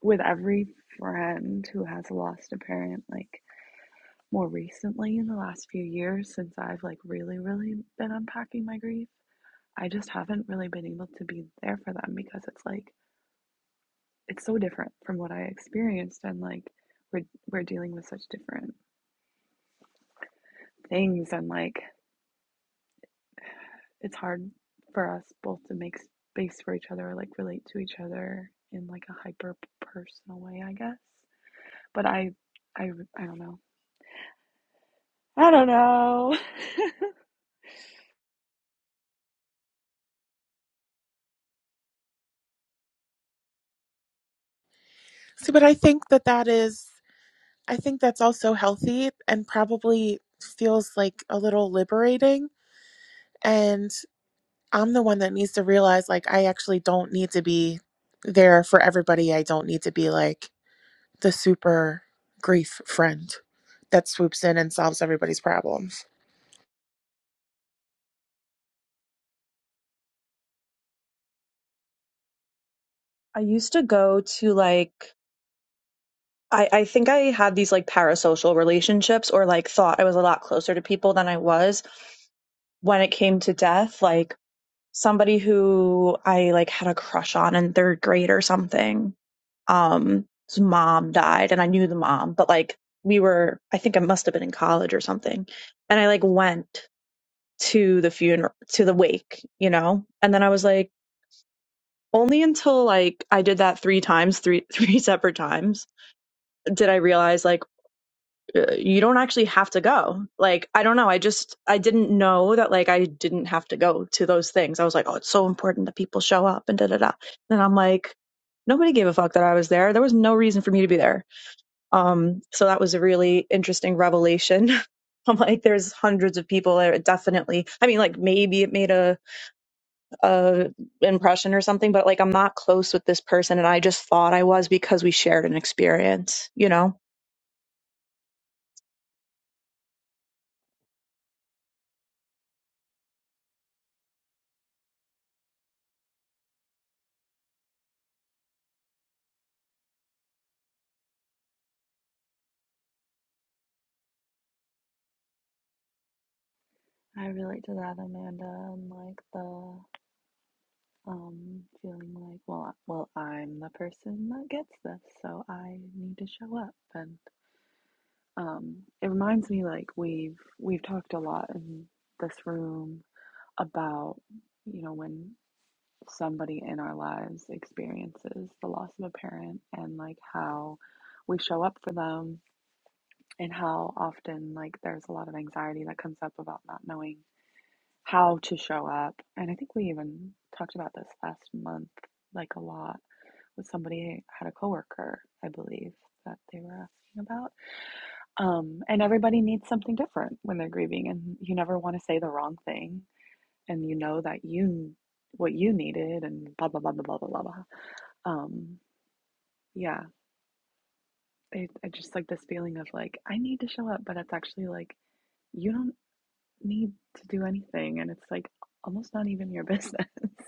Speaker 1: with every friend who has lost a parent like more recently in the last few years since I've like really really been unpacking my grief I just haven't really been able to be there for them because it's like it's so different from what I experienced and like we're we're dealing with such different things and like it's hard for us both to make space for each other or like relate to each other in like a hyper personal way I guess but I I I don't know I don't know
Speaker 7: So but I think that that is I think that's also healthy and probably feels like a little liberating and I'm the one that needs to realize like I actually don't need to be there for everybody. I don't need to be like the super grief friend that swoops in and solves everybody's problems.
Speaker 10: I used to go to like I, I think I had these like parasocial relationships or like thought I was a lot closer to people than I was when it came to death. Like somebody who I like had a crush on in third grade or something. Um his mom died and I knew the mom, but like we were I think I must have been in college or something. And I like went to the funeral to the wake, you know? And then I was like only until like I did that three times, three three separate times, did I realize like uh, you don't actually have to go. Like, I don't know. I just, I didn't know that, like, I didn't have to go to those things. I was like, oh, it's so important that people show up and da da da. And I'm like, nobody gave a fuck that I was there. There was no reason for me to be there. Um, so that was a really interesting revelation. I'm like, there's hundreds of people there. It Definitely. I mean, like, maybe it made a, a impression or something, but like, I'm not close with this person. And I just thought I was because we shared an experience, you know?
Speaker 1: I relate to that, Amanda, and like the um feeling like, well, I- well, I'm the person that gets this, so I need to show up. And um, it reminds me like we've we've talked a lot in this room about, you know, when somebody in our lives experiences the loss of a parent and like how we show up for them and how often like there's a lot of anxiety that comes up about not knowing how to show up. And I think we even talked about this last month, like a lot, with somebody had a coworker, I believe, that they were asking about. Um, and everybody needs something different when they're grieving, and you never want to say the wrong thing, and you know that you what you needed, and blah blah blah blah blah blah blah. Um, yeah, it, I just like this feeling of like I need to show up, but it's actually like you don't need to do anything, and it's like almost not even your business.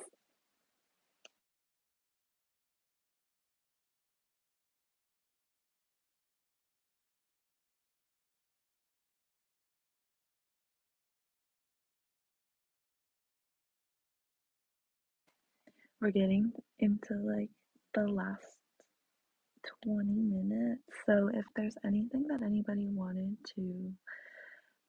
Speaker 1: We're getting into like the last 20 minutes. So if there's anything that anybody wanted to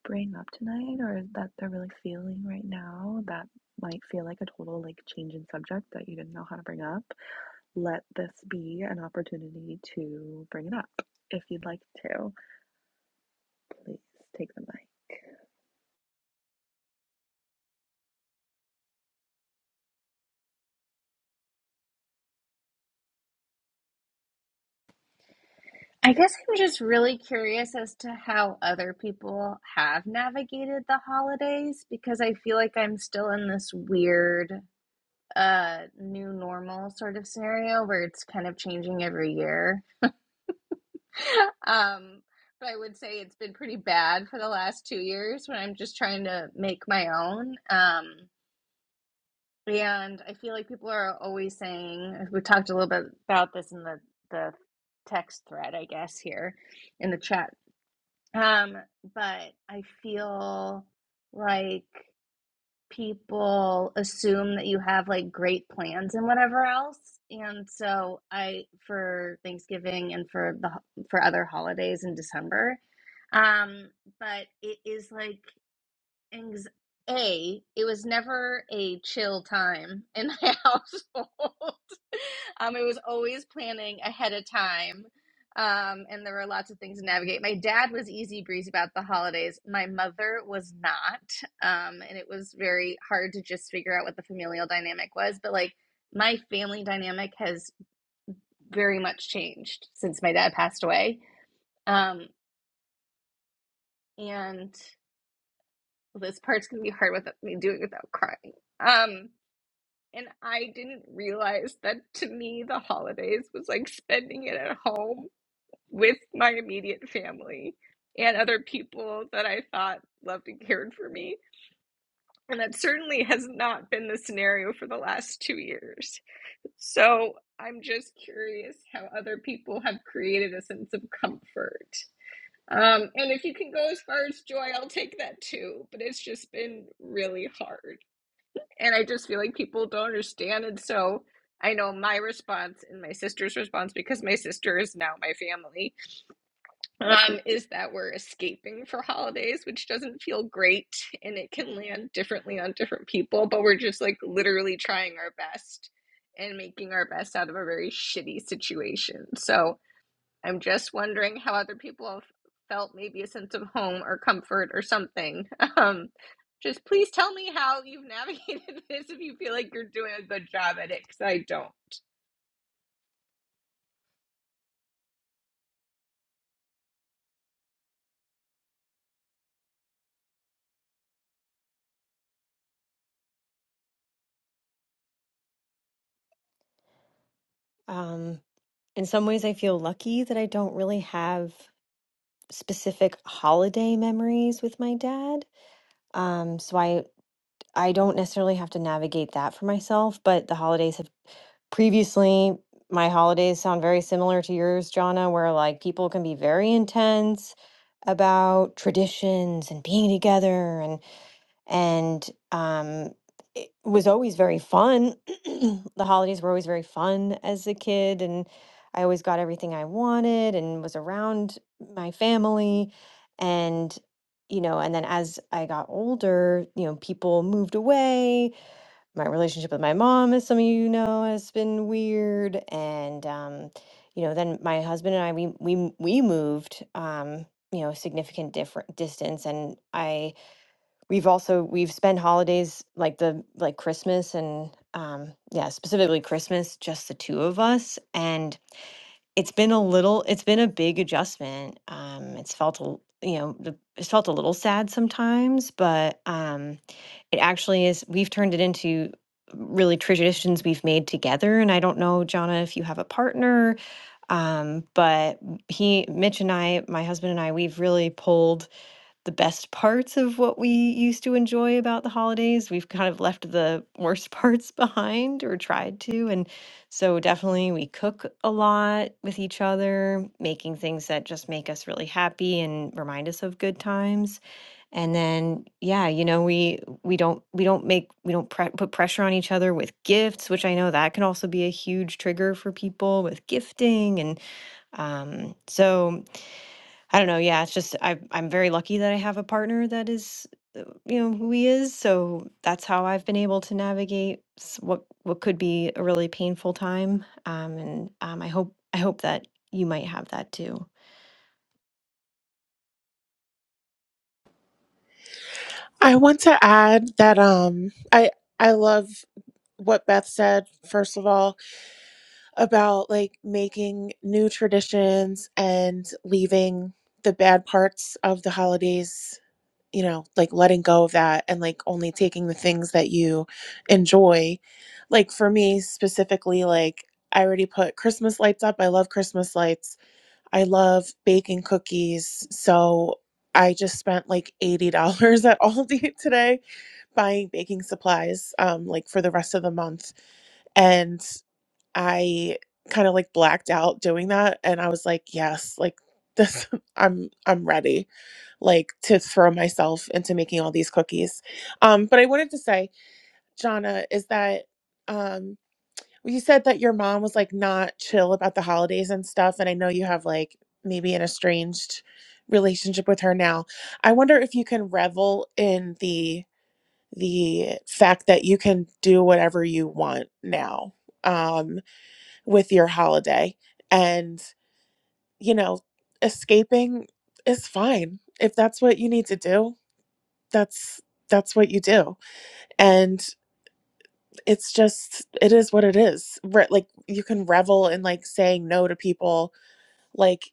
Speaker 1: bring up tonight or that they're really feeling right now that might feel like a total like change in subject that you didn't know how to bring up, let this be an opportunity to bring it up. If you'd like to, please take the mic.
Speaker 8: I guess I'm just really curious as to how other people have navigated the holidays because I feel like I'm still in this weird uh new normal sort of scenario where it's kind of changing every year. Um but I would say it's been pretty bad for the last 2 years when I'm just trying to make my own. Um and I feel like people are always saying we talked a little bit about this in the the text thread I guess here in the chat Um, but I feel like people assume that you have like great plans and whatever else. And so I for Thanksgiving and for the for other holidays in December. Um, but it is like anx- a it was never a chill time in my household um it was always planning ahead of time um and there were lots of things to navigate my dad was easy breezy about the holidays my mother was not um and it was very hard to just figure out what the familial dynamic was but like my family dynamic has very much changed since my dad passed away um and this part's gonna be hard without me doing it without crying um And I didn't realize that to me, the holidays was like spending it at home with my immediate family and other people that I thought loved and cared for me. And that certainly has not been the scenario for the last two years. So I'm just curious how other people have created a sense of comfort. Um, and if you can go as far as joy, I'll take that too. But it's just been really hard and I just feel like people don't understand. And so I know my response and my sister's response, because my sister is now my family, um, is that we're escaping for holidays, which doesn't feel great and it can land differently on different people, but we're just like literally trying our best and making our best out of a very shitty situation. So I'm just wondering how other people have felt maybe a sense of home or comfort or something. Um, just please tell me how you've navigated this if you feel like you're doing a good job at it, because I don't.
Speaker 9: Um, in some ways, I feel lucky that I don't really have specific holiday memories with my dad. Um, so I I don't necessarily have to navigate that for myself, but the holidays have previously my holidays sound very similar to yours, Jonna, where like people can be very intense about traditions and being together and um, it was always very fun. the holidays were always very fun as a kid, and I always got everything I wanted and was around my family. And, you know, and then as I got older, you know, people moved away. My relationship with my mom, as some of you know, has been weird. And, um, you know, then my husband and I, we we we moved, um, you know, significant different distance, and I we've also we've spent holidays like the like christmas and um yeah specifically christmas just the two of us and it's been a little it's been a big adjustment um it's felt a l- you know the, it's felt a little sad sometimes but um it actually is we've turned it into really traditions we've made together and i don't know Jonna if you have a partner um but he mitch and i my husband and i we've really pulled the best parts of what we used to enjoy about the holidays. We've kind of left the worst parts behind or tried to. And so, definitely, we cook a lot with each other, making things that just make us really happy and remind us of good times. And then, yeah, you know, we we don't we don't make we don't pre- put pressure on each other with gifts, which I know that can also be a huge trigger for people with gifting. And um, so I don't know. Yeah, it's just I I'm very lucky that I have a partner that is, uh, you know, who he is. So that's how I've been able to navigate s- what what could be a really painful time. Um, and um, I hope I hope that you might have that too.
Speaker 7: I want to add that um I I love what Beth said first of all about like making new traditions and leaving the bad parts of the holidays, you know, like letting go of that and like only taking the things that you enjoy. Like for me specifically like I already put Christmas lights up. I love Christmas lights I love baking cookies. So I just spent like $80 at Aldi today buying baking supplies um like for the rest of the month and I kind of like blacked out doing that and I was like, yes, like this I'm I'm ready like to throw myself into making all these cookies. Um but I wanted to say, Jana, is that um well, You said that your mom was like not chill about the holidays and stuff, and I know you have like maybe an estranged relationship with her now. I wonder if you can revel in the the fact that you can do whatever you want now um with your holiday and you know escaping is fine if that's what you need to do that's that's what you do and. it's just it is what it is Re- like you can revel in like saying no to people like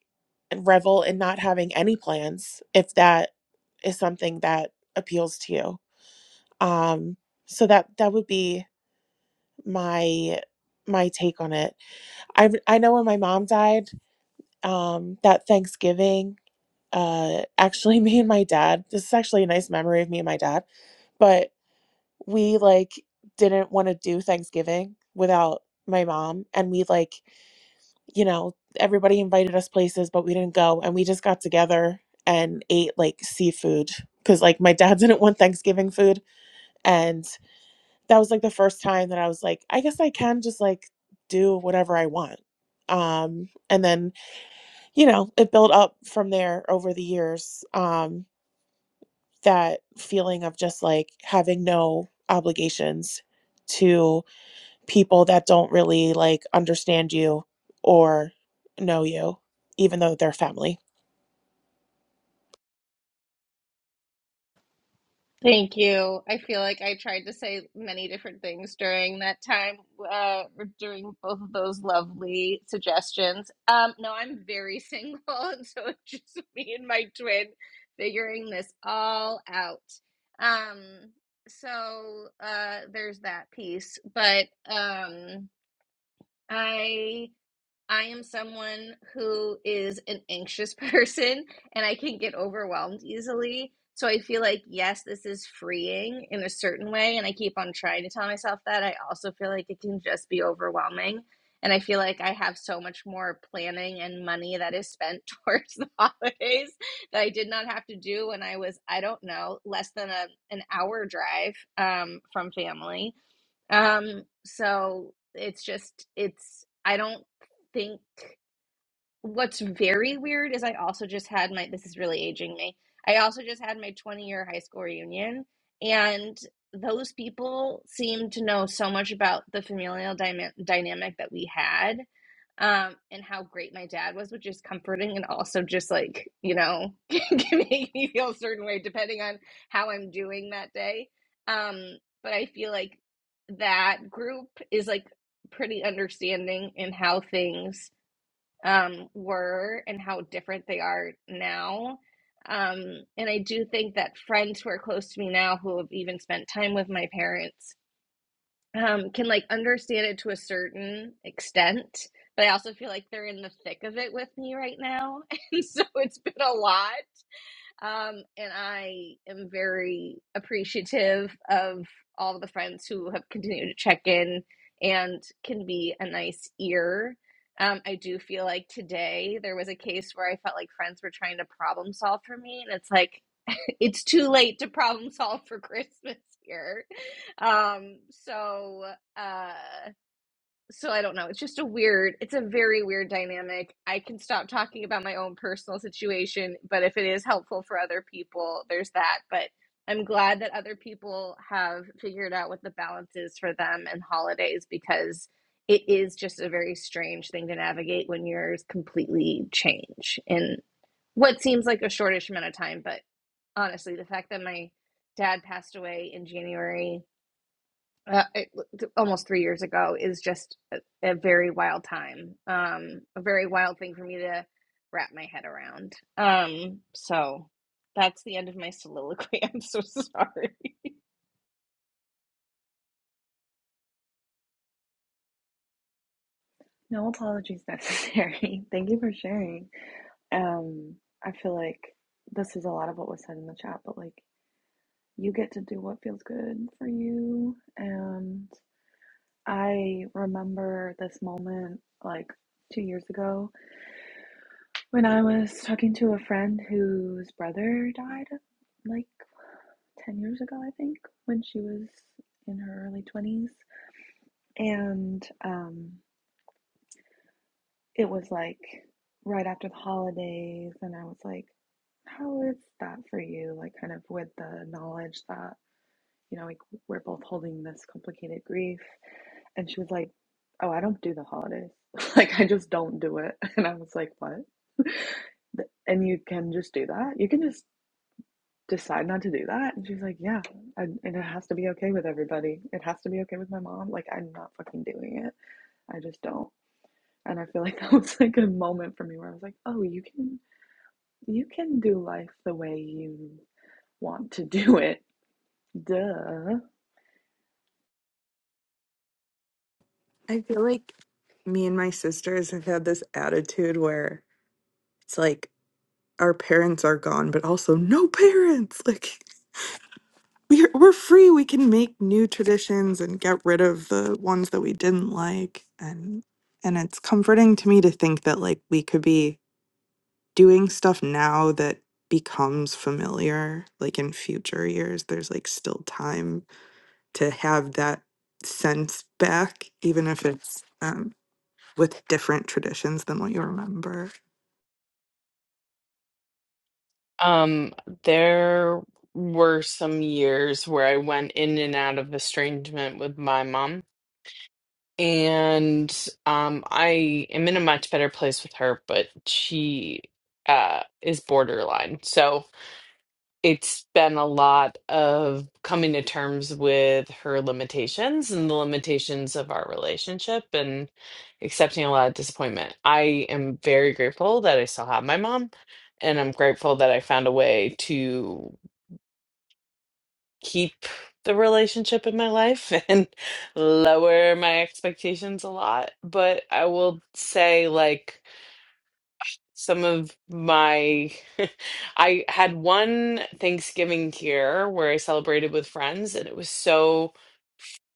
Speaker 7: and revel in not having any plans if that is something that appeals to you um so that that would be my my take on it i i know when my mom died um that thanksgiving uh actually me and my dad this is actually a nice memory of me and my dad but we like didn't want to do Thanksgiving without my mom and we like you know everybody invited us places but we didn't go and we just got together and ate like seafood cuz like my dad didn't want Thanksgiving food and that was like the first time that I was like I guess I can just like do whatever I want um and then you know it built up from there over the years um that feeling of just like having no obligations to. people that don't really like understand you or know you, even though they're family.
Speaker 8: Thank you. I feel like I tried to say many different things during that time, uh, or during both of those lovely suggestions. Um, no, I'm very single, and so it's just me and my twin figuring this all out. Um, so uh, there's that piece, but um, I. I am someone who is an anxious person and I can get overwhelmed easily. So I feel like, yes, this is freeing in a certain way. And I keep on trying to tell myself that. I also feel like it can just be overwhelming. And I feel like I have so much more planning and money that is spent towards the holidays that I did not have to do when I was, I don't know, less than a, an hour drive um, from family. Um, so it's just, it's, I don't think what's very weird is I also just had my this is really aging me. I also just had my 20 year high school reunion and those people seem to know so much about the familial dyma- dynamic that we had um and how great my dad was which is comforting and also just like you know can make me feel a certain way depending on how i'm doing that day um but i feel like that group is like pretty understanding in how things um, were and how different they are now. Um, and I do think that friends who are close to me now, who have even spent time with my parents, um, can like understand it to a certain extent. But I also feel like they're in the thick of it with me right now. And so it's been a lot. Um, and I am very appreciative of all the friends who have continued to check in and can be a nice ear. Um, I do feel like today there was a case where I felt like friends were trying to problem solve for me, and it's like it's too late to problem solve for Christmas here. Um, so uh so I don't know. It's just a weird, it's a very weird dynamic. I can stop talking about my own personal situation, but if it is helpful for other people, there's that. But I'm glad that other people have figured out what the balance is for them and holidays because it is just a very strange thing to navigate when yours completely change in what seems like a shortish amount of time. But honestly, the fact that my dad passed away in January uh, it- almost three years ago is just a, a very wild time um a very wild thing for me to wrap my head around um so that's the end of my soliloquy i'm so sorry
Speaker 1: No apologies necessary. Thank you for sharing. Um, I feel like this is a lot of what was said in the chat, but like you get to do what feels good for you. And I remember this moment like two years ago when I was talking to a friend whose brother died like 10 years ago, I think, when she was in her early 20s. And um, it was like right after the holidays, and I was like, how is that for you? Like, kind of with the knowledge that, you know, like we're both holding this complicated grief And she was like, Oh, I don't do the holidays. Like, I just don't do it. And I was like, What? And you can just do that? You can just decide not to do that? And she's like, Yeah. And, and it has to be okay with everybody. It has to be okay with my mom. Like, I'm not fucking doing it. I just don't. And I feel like that was like a moment for me where I was like, Oh, you can, you can do life the way you want to do it. Duh.
Speaker 6: I feel like me and my sisters have had this attitude where it's like our parents are gone, but also no parents. Like We're we're free. We can make new traditions and get rid of the ones that we didn't like and and it's comforting to me to think that like we could be doing stuff now that becomes familiar like in future years there's like still time to have that sense back even if it's um with different traditions than what you remember.
Speaker 2: Um, there were some years where I went in and out of estrangement with my mom. And um, I am in a much better place with her, but she uh, is borderline. So it's been a lot of coming to terms with her limitations and the limitations of our relationship and accepting a lot of disappointment. I am very grateful that I still have my mom, and I'm grateful that I found a way to keep the relationship in my life and lower my expectations a lot. But I will say, like, some of my I had one Thanksgiving here where I celebrated with friends and it was so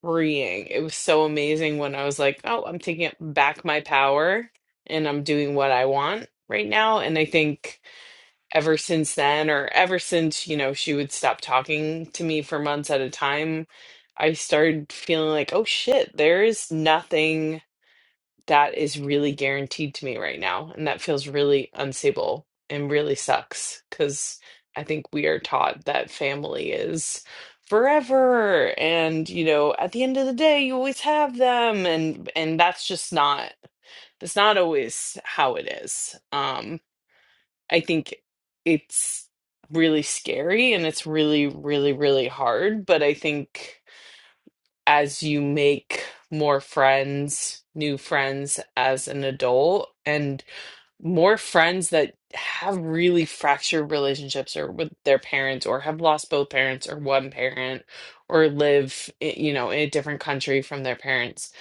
Speaker 2: freeing. It was so amazing when I was like, "Oh, I'm taking it back my power and I'm doing what I want right now." And I think ever since then or ever since, you know, she would stop talking to me for months at a time, I started feeling like, "Oh shit, there is nothing that is really guaranteed to me right now. And that feels really unstable and really sucks because I think we are taught that family is forever and you know at the end of the day you always have them and and that's just not that's not always how it is um i think it's really scary and it's really really really hard but i think as you make more friends, new friends as an adult, and more friends that have really fractured relationships or with their parents, or have lost both parents or one parent, or live, i- you know, in a different country from their parents.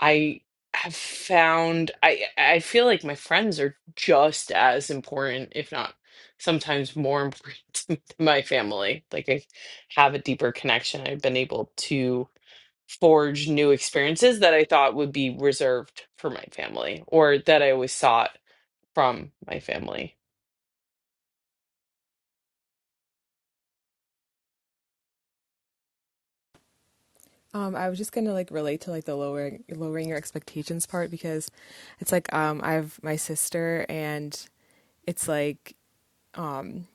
Speaker 2: I have found I I feel like my friends are just as important, if not sometimes more important to my family. Like I have a deeper connection. I've been able to forge new experiences that I thought would be reserved for my family or that I always sought from my family.
Speaker 4: Um, I was just gonna like relate to like the lowering lowering your expectations part because it's like um I have my sister and it's like um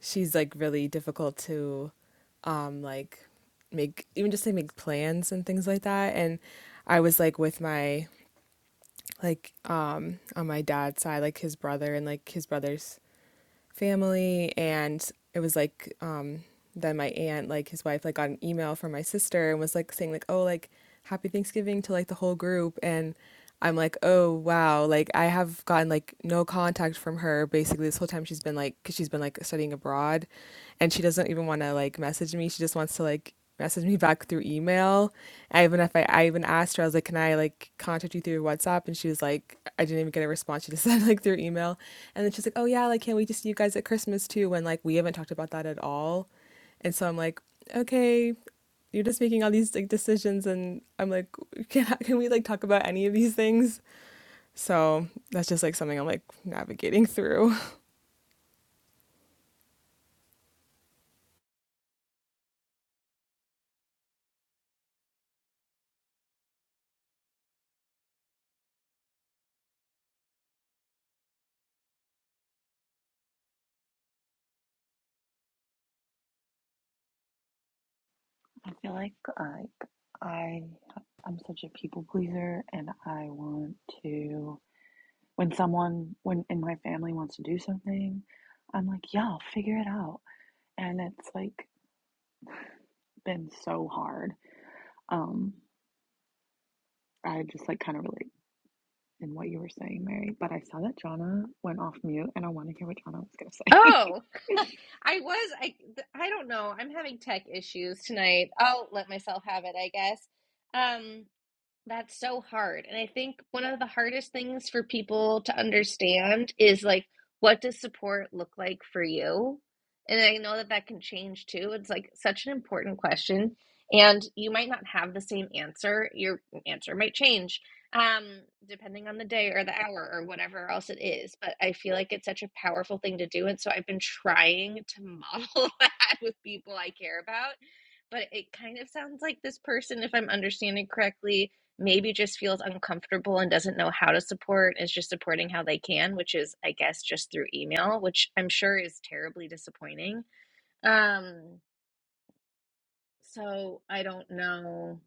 Speaker 4: she's like really difficult to um like make even just like make plans and things like that and I was like with my like um, on my dad's side like his brother and like his brother's family and it was like um then my aunt, like his wife, like got an email from my sister and was like saying like, "Oh, like happy Thanksgiving to like the whole group." And I'm like, "Oh, wow." Like I have gotten like no contact from her basically this whole time she's been like cuz she's been like studying abroad and she doesn't even want to like message me. She just wants to like message me back through email. I even if I, I even asked her, I was like, "Can I like contact you through WhatsApp?" And she was like, "I didn't even get a response. She just said like through email." And then she's like, "Oh yeah, like can't wait to see you guys at Christmas too?" When like we haven't talked about that at all. And so I'm like, okay, you're just making all these like decisions, and I'm like, can I, can we like talk about any of these things? So that's just like something I'm like navigating through.
Speaker 1: I feel like like I I'm such a people pleaser and I want to when someone when in my family wants to do something, I'm like, yeah, I'll figure it out. And it's like been so hard. Um I just like kind of relate in what you were saying, Mary, but I saw that Jonna went off mute and I want to hear what Jonna was going
Speaker 8: oh
Speaker 1: to say.
Speaker 8: i was i th- i don't know i'm having tech issues tonight i'll let myself have it i guess um That's so hard. And I think one of the hardest things for people to understand is like, what does support look like for you? And I know that that can change too. It's like such an important question. And you might not have the same answer. Your answer might change um, depending on the day or the hour or whatever else it is. But I feel like it's such a powerful thing to do. And so I've been trying to model that with people I care about. But it kind of sounds like this person, if I'm understanding correctly, maybe just feels uncomfortable and doesn't know how to support is just supporting how they can, which is, I guess, just through email, which I'm sure is terribly disappointing. Um, so I don't know.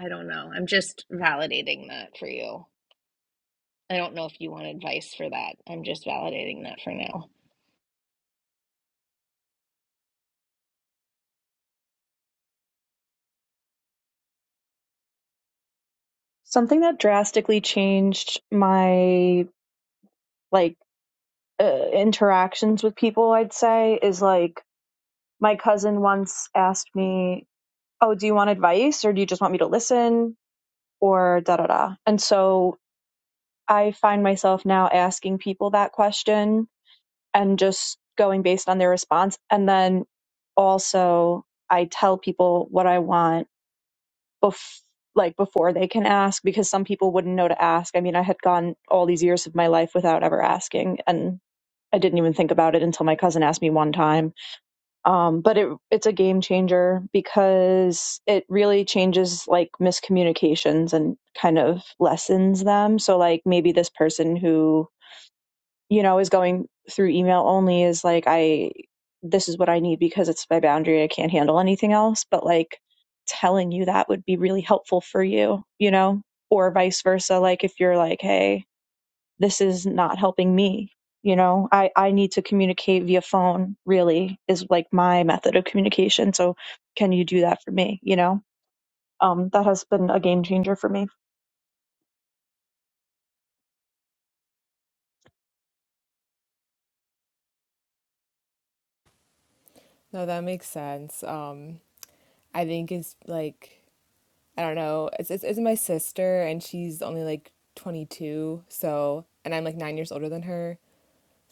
Speaker 8: I don't know. I'm just validating that for you. I don't know if you want advice for that. I'm just validating that for now.
Speaker 10: Something that drastically changed my like uh, interactions with people, I'd say, is like my cousin once asked me, "Oh, do you want advice or do you just want me to listen?" or da da da. And so I find myself now asking people that question and just going based on their response and then also I tell people what I want bef- like before they can ask because some people wouldn't know to ask. I mean, I had gone all these years of my life without ever asking and I didn't even think about it until my cousin asked me one time. Um, but it it's a game changer because it really changes like miscommunications and kind of lessens them. So like maybe this person who you know, is going through email only is like, I, this is what I need because it's my boundary. I can't handle anything else. But like telling you that would be really helpful for you, you know, or vice versa. Like if you're like, hey, this is not helping me, you know, I, I need to communicate via phone, really, is like my method of communication. So can you do that for me, you know? Um, that has been a game changer for me.
Speaker 4: No, that makes sense. Um, I think it's like I don't know. It's, it's it's my sister and she's only like 22, so and I'm like 9 years older than her.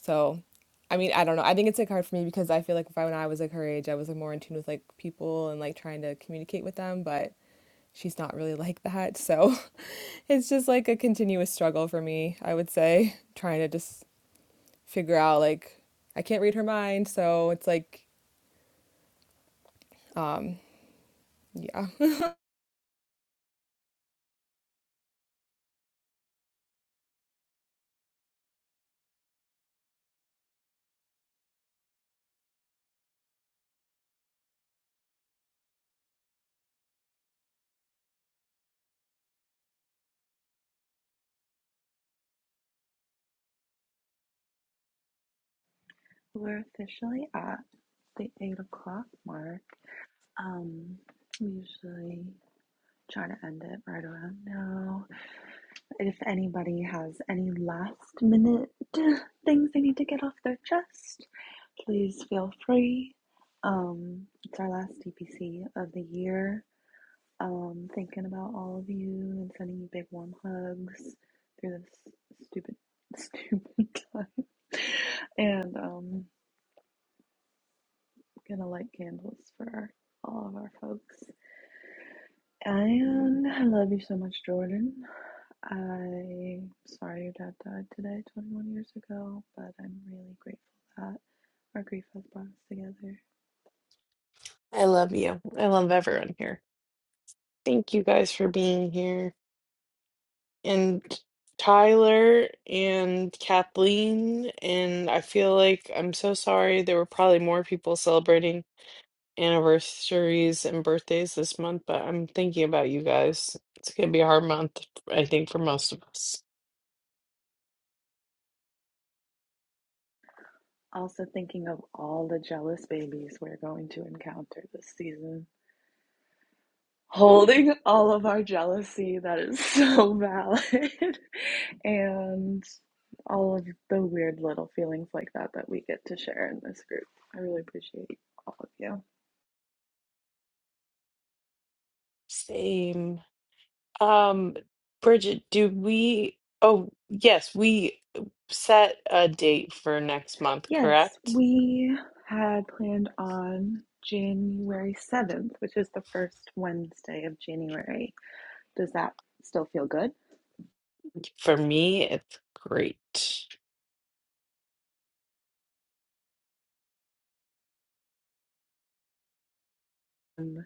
Speaker 4: So, I mean, I don't know. I think it's like hard for me because I feel like if I when I was like her age, I was like more in tune with like people and like trying to communicate with them, but she's not really like that. So it's just like a continuous struggle for me, I would say, trying to just figure out like I can't read her mind. So it's like, um, yeah.
Speaker 1: We're officially at the eight o'clock mark. Um, we usually try to end it right around now. If anybody has any last minute things they need to get off their chest, please feel free. Um, it's our last DPC of the year. Um, thinking about all of you and sending you big warm hugs through this stupid, stupid time. And um, Gonna light candles for all of our folks. And I love you so much, Jordan. I'm sorry your dad died today, 21 years ago, but I'm really grateful that our grief has brought us together.
Speaker 2: I love you. I love everyone here. Thank you guys for being here. And Tyler and Kathleen, and I feel like I'm so sorry. There were probably more people celebrating anniversaries and birthdays this month, but I'm thinking about you guys. It's going to be a hard month, I think, for most of us.
Speaker 1: Also, thinking of all the jealous babies we're going to encounter this season. holding all of our jealousy that is so valid and all of the weird little feelings like that that we get to share in this group. I really appreciate all of you.
Speaker 2: Same. Um, Bridget, do we? Oh, yes, we set a date for next month,
Speaker 1: Yes,
Speaker 2: correct?
Speaker 1: we had planned on January 7th, which is the first Wednesday of January. Does that still feel good?
Speaker 2: For me, it's great.
Speaker 1: Um,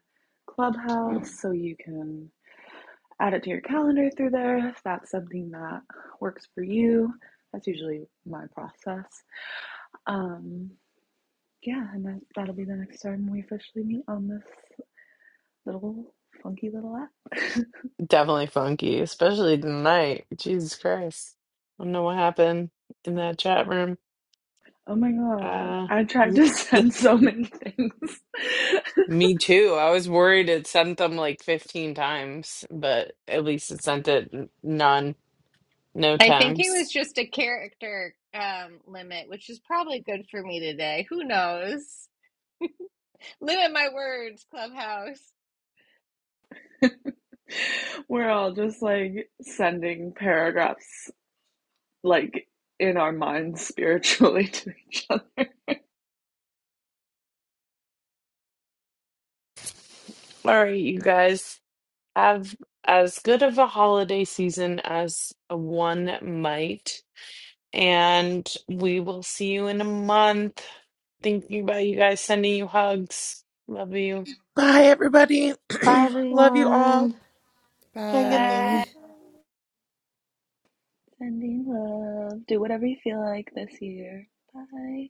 Speaker 1: Clubhouse, so you can add it to your calendar through there if that's something that works for you. That's usually my process. Um, yeah, and that, that'll be the next time we officially meet on this little funky little app.
Speaker 2: Definitely funky, especially tonight. Jesus Christ. I don't know what happened in that chat room.
Speaker 1: oh my god,
Speaker 2: Uh,
Speaker 1: I tried
Speaker 2: y-
Speaker 1: to send so many things.
Speaker 2: me too. I was worried it sent them like 15 times, but at least it sent it n- none, no
Speaker 8: I think it
Speaker 2: times.
Speaker 8: was just a character um, limit, which is probably good for me today. Who knows? Limit my words, Clubhouse.
Speaker 1: We're all just like sending paragraphs, like in our minds spiritually to each other.
Speaker 2: All right, you guys. have as good of a holiday season as one might. And we will see you in a month. Thinking about you guys, sending you hugs. Love you.
Speaker 7: Bye, everybody.
Speaker 9: Bye,
Speaker 7: Love you all.
Speaker 9: everyone.
Speaker 7: Hang in there.
Speaker 8: Bye.
Speaker 4: Bye.
Speaker 1: Sending love. Do whatever you feel like this year. Bye.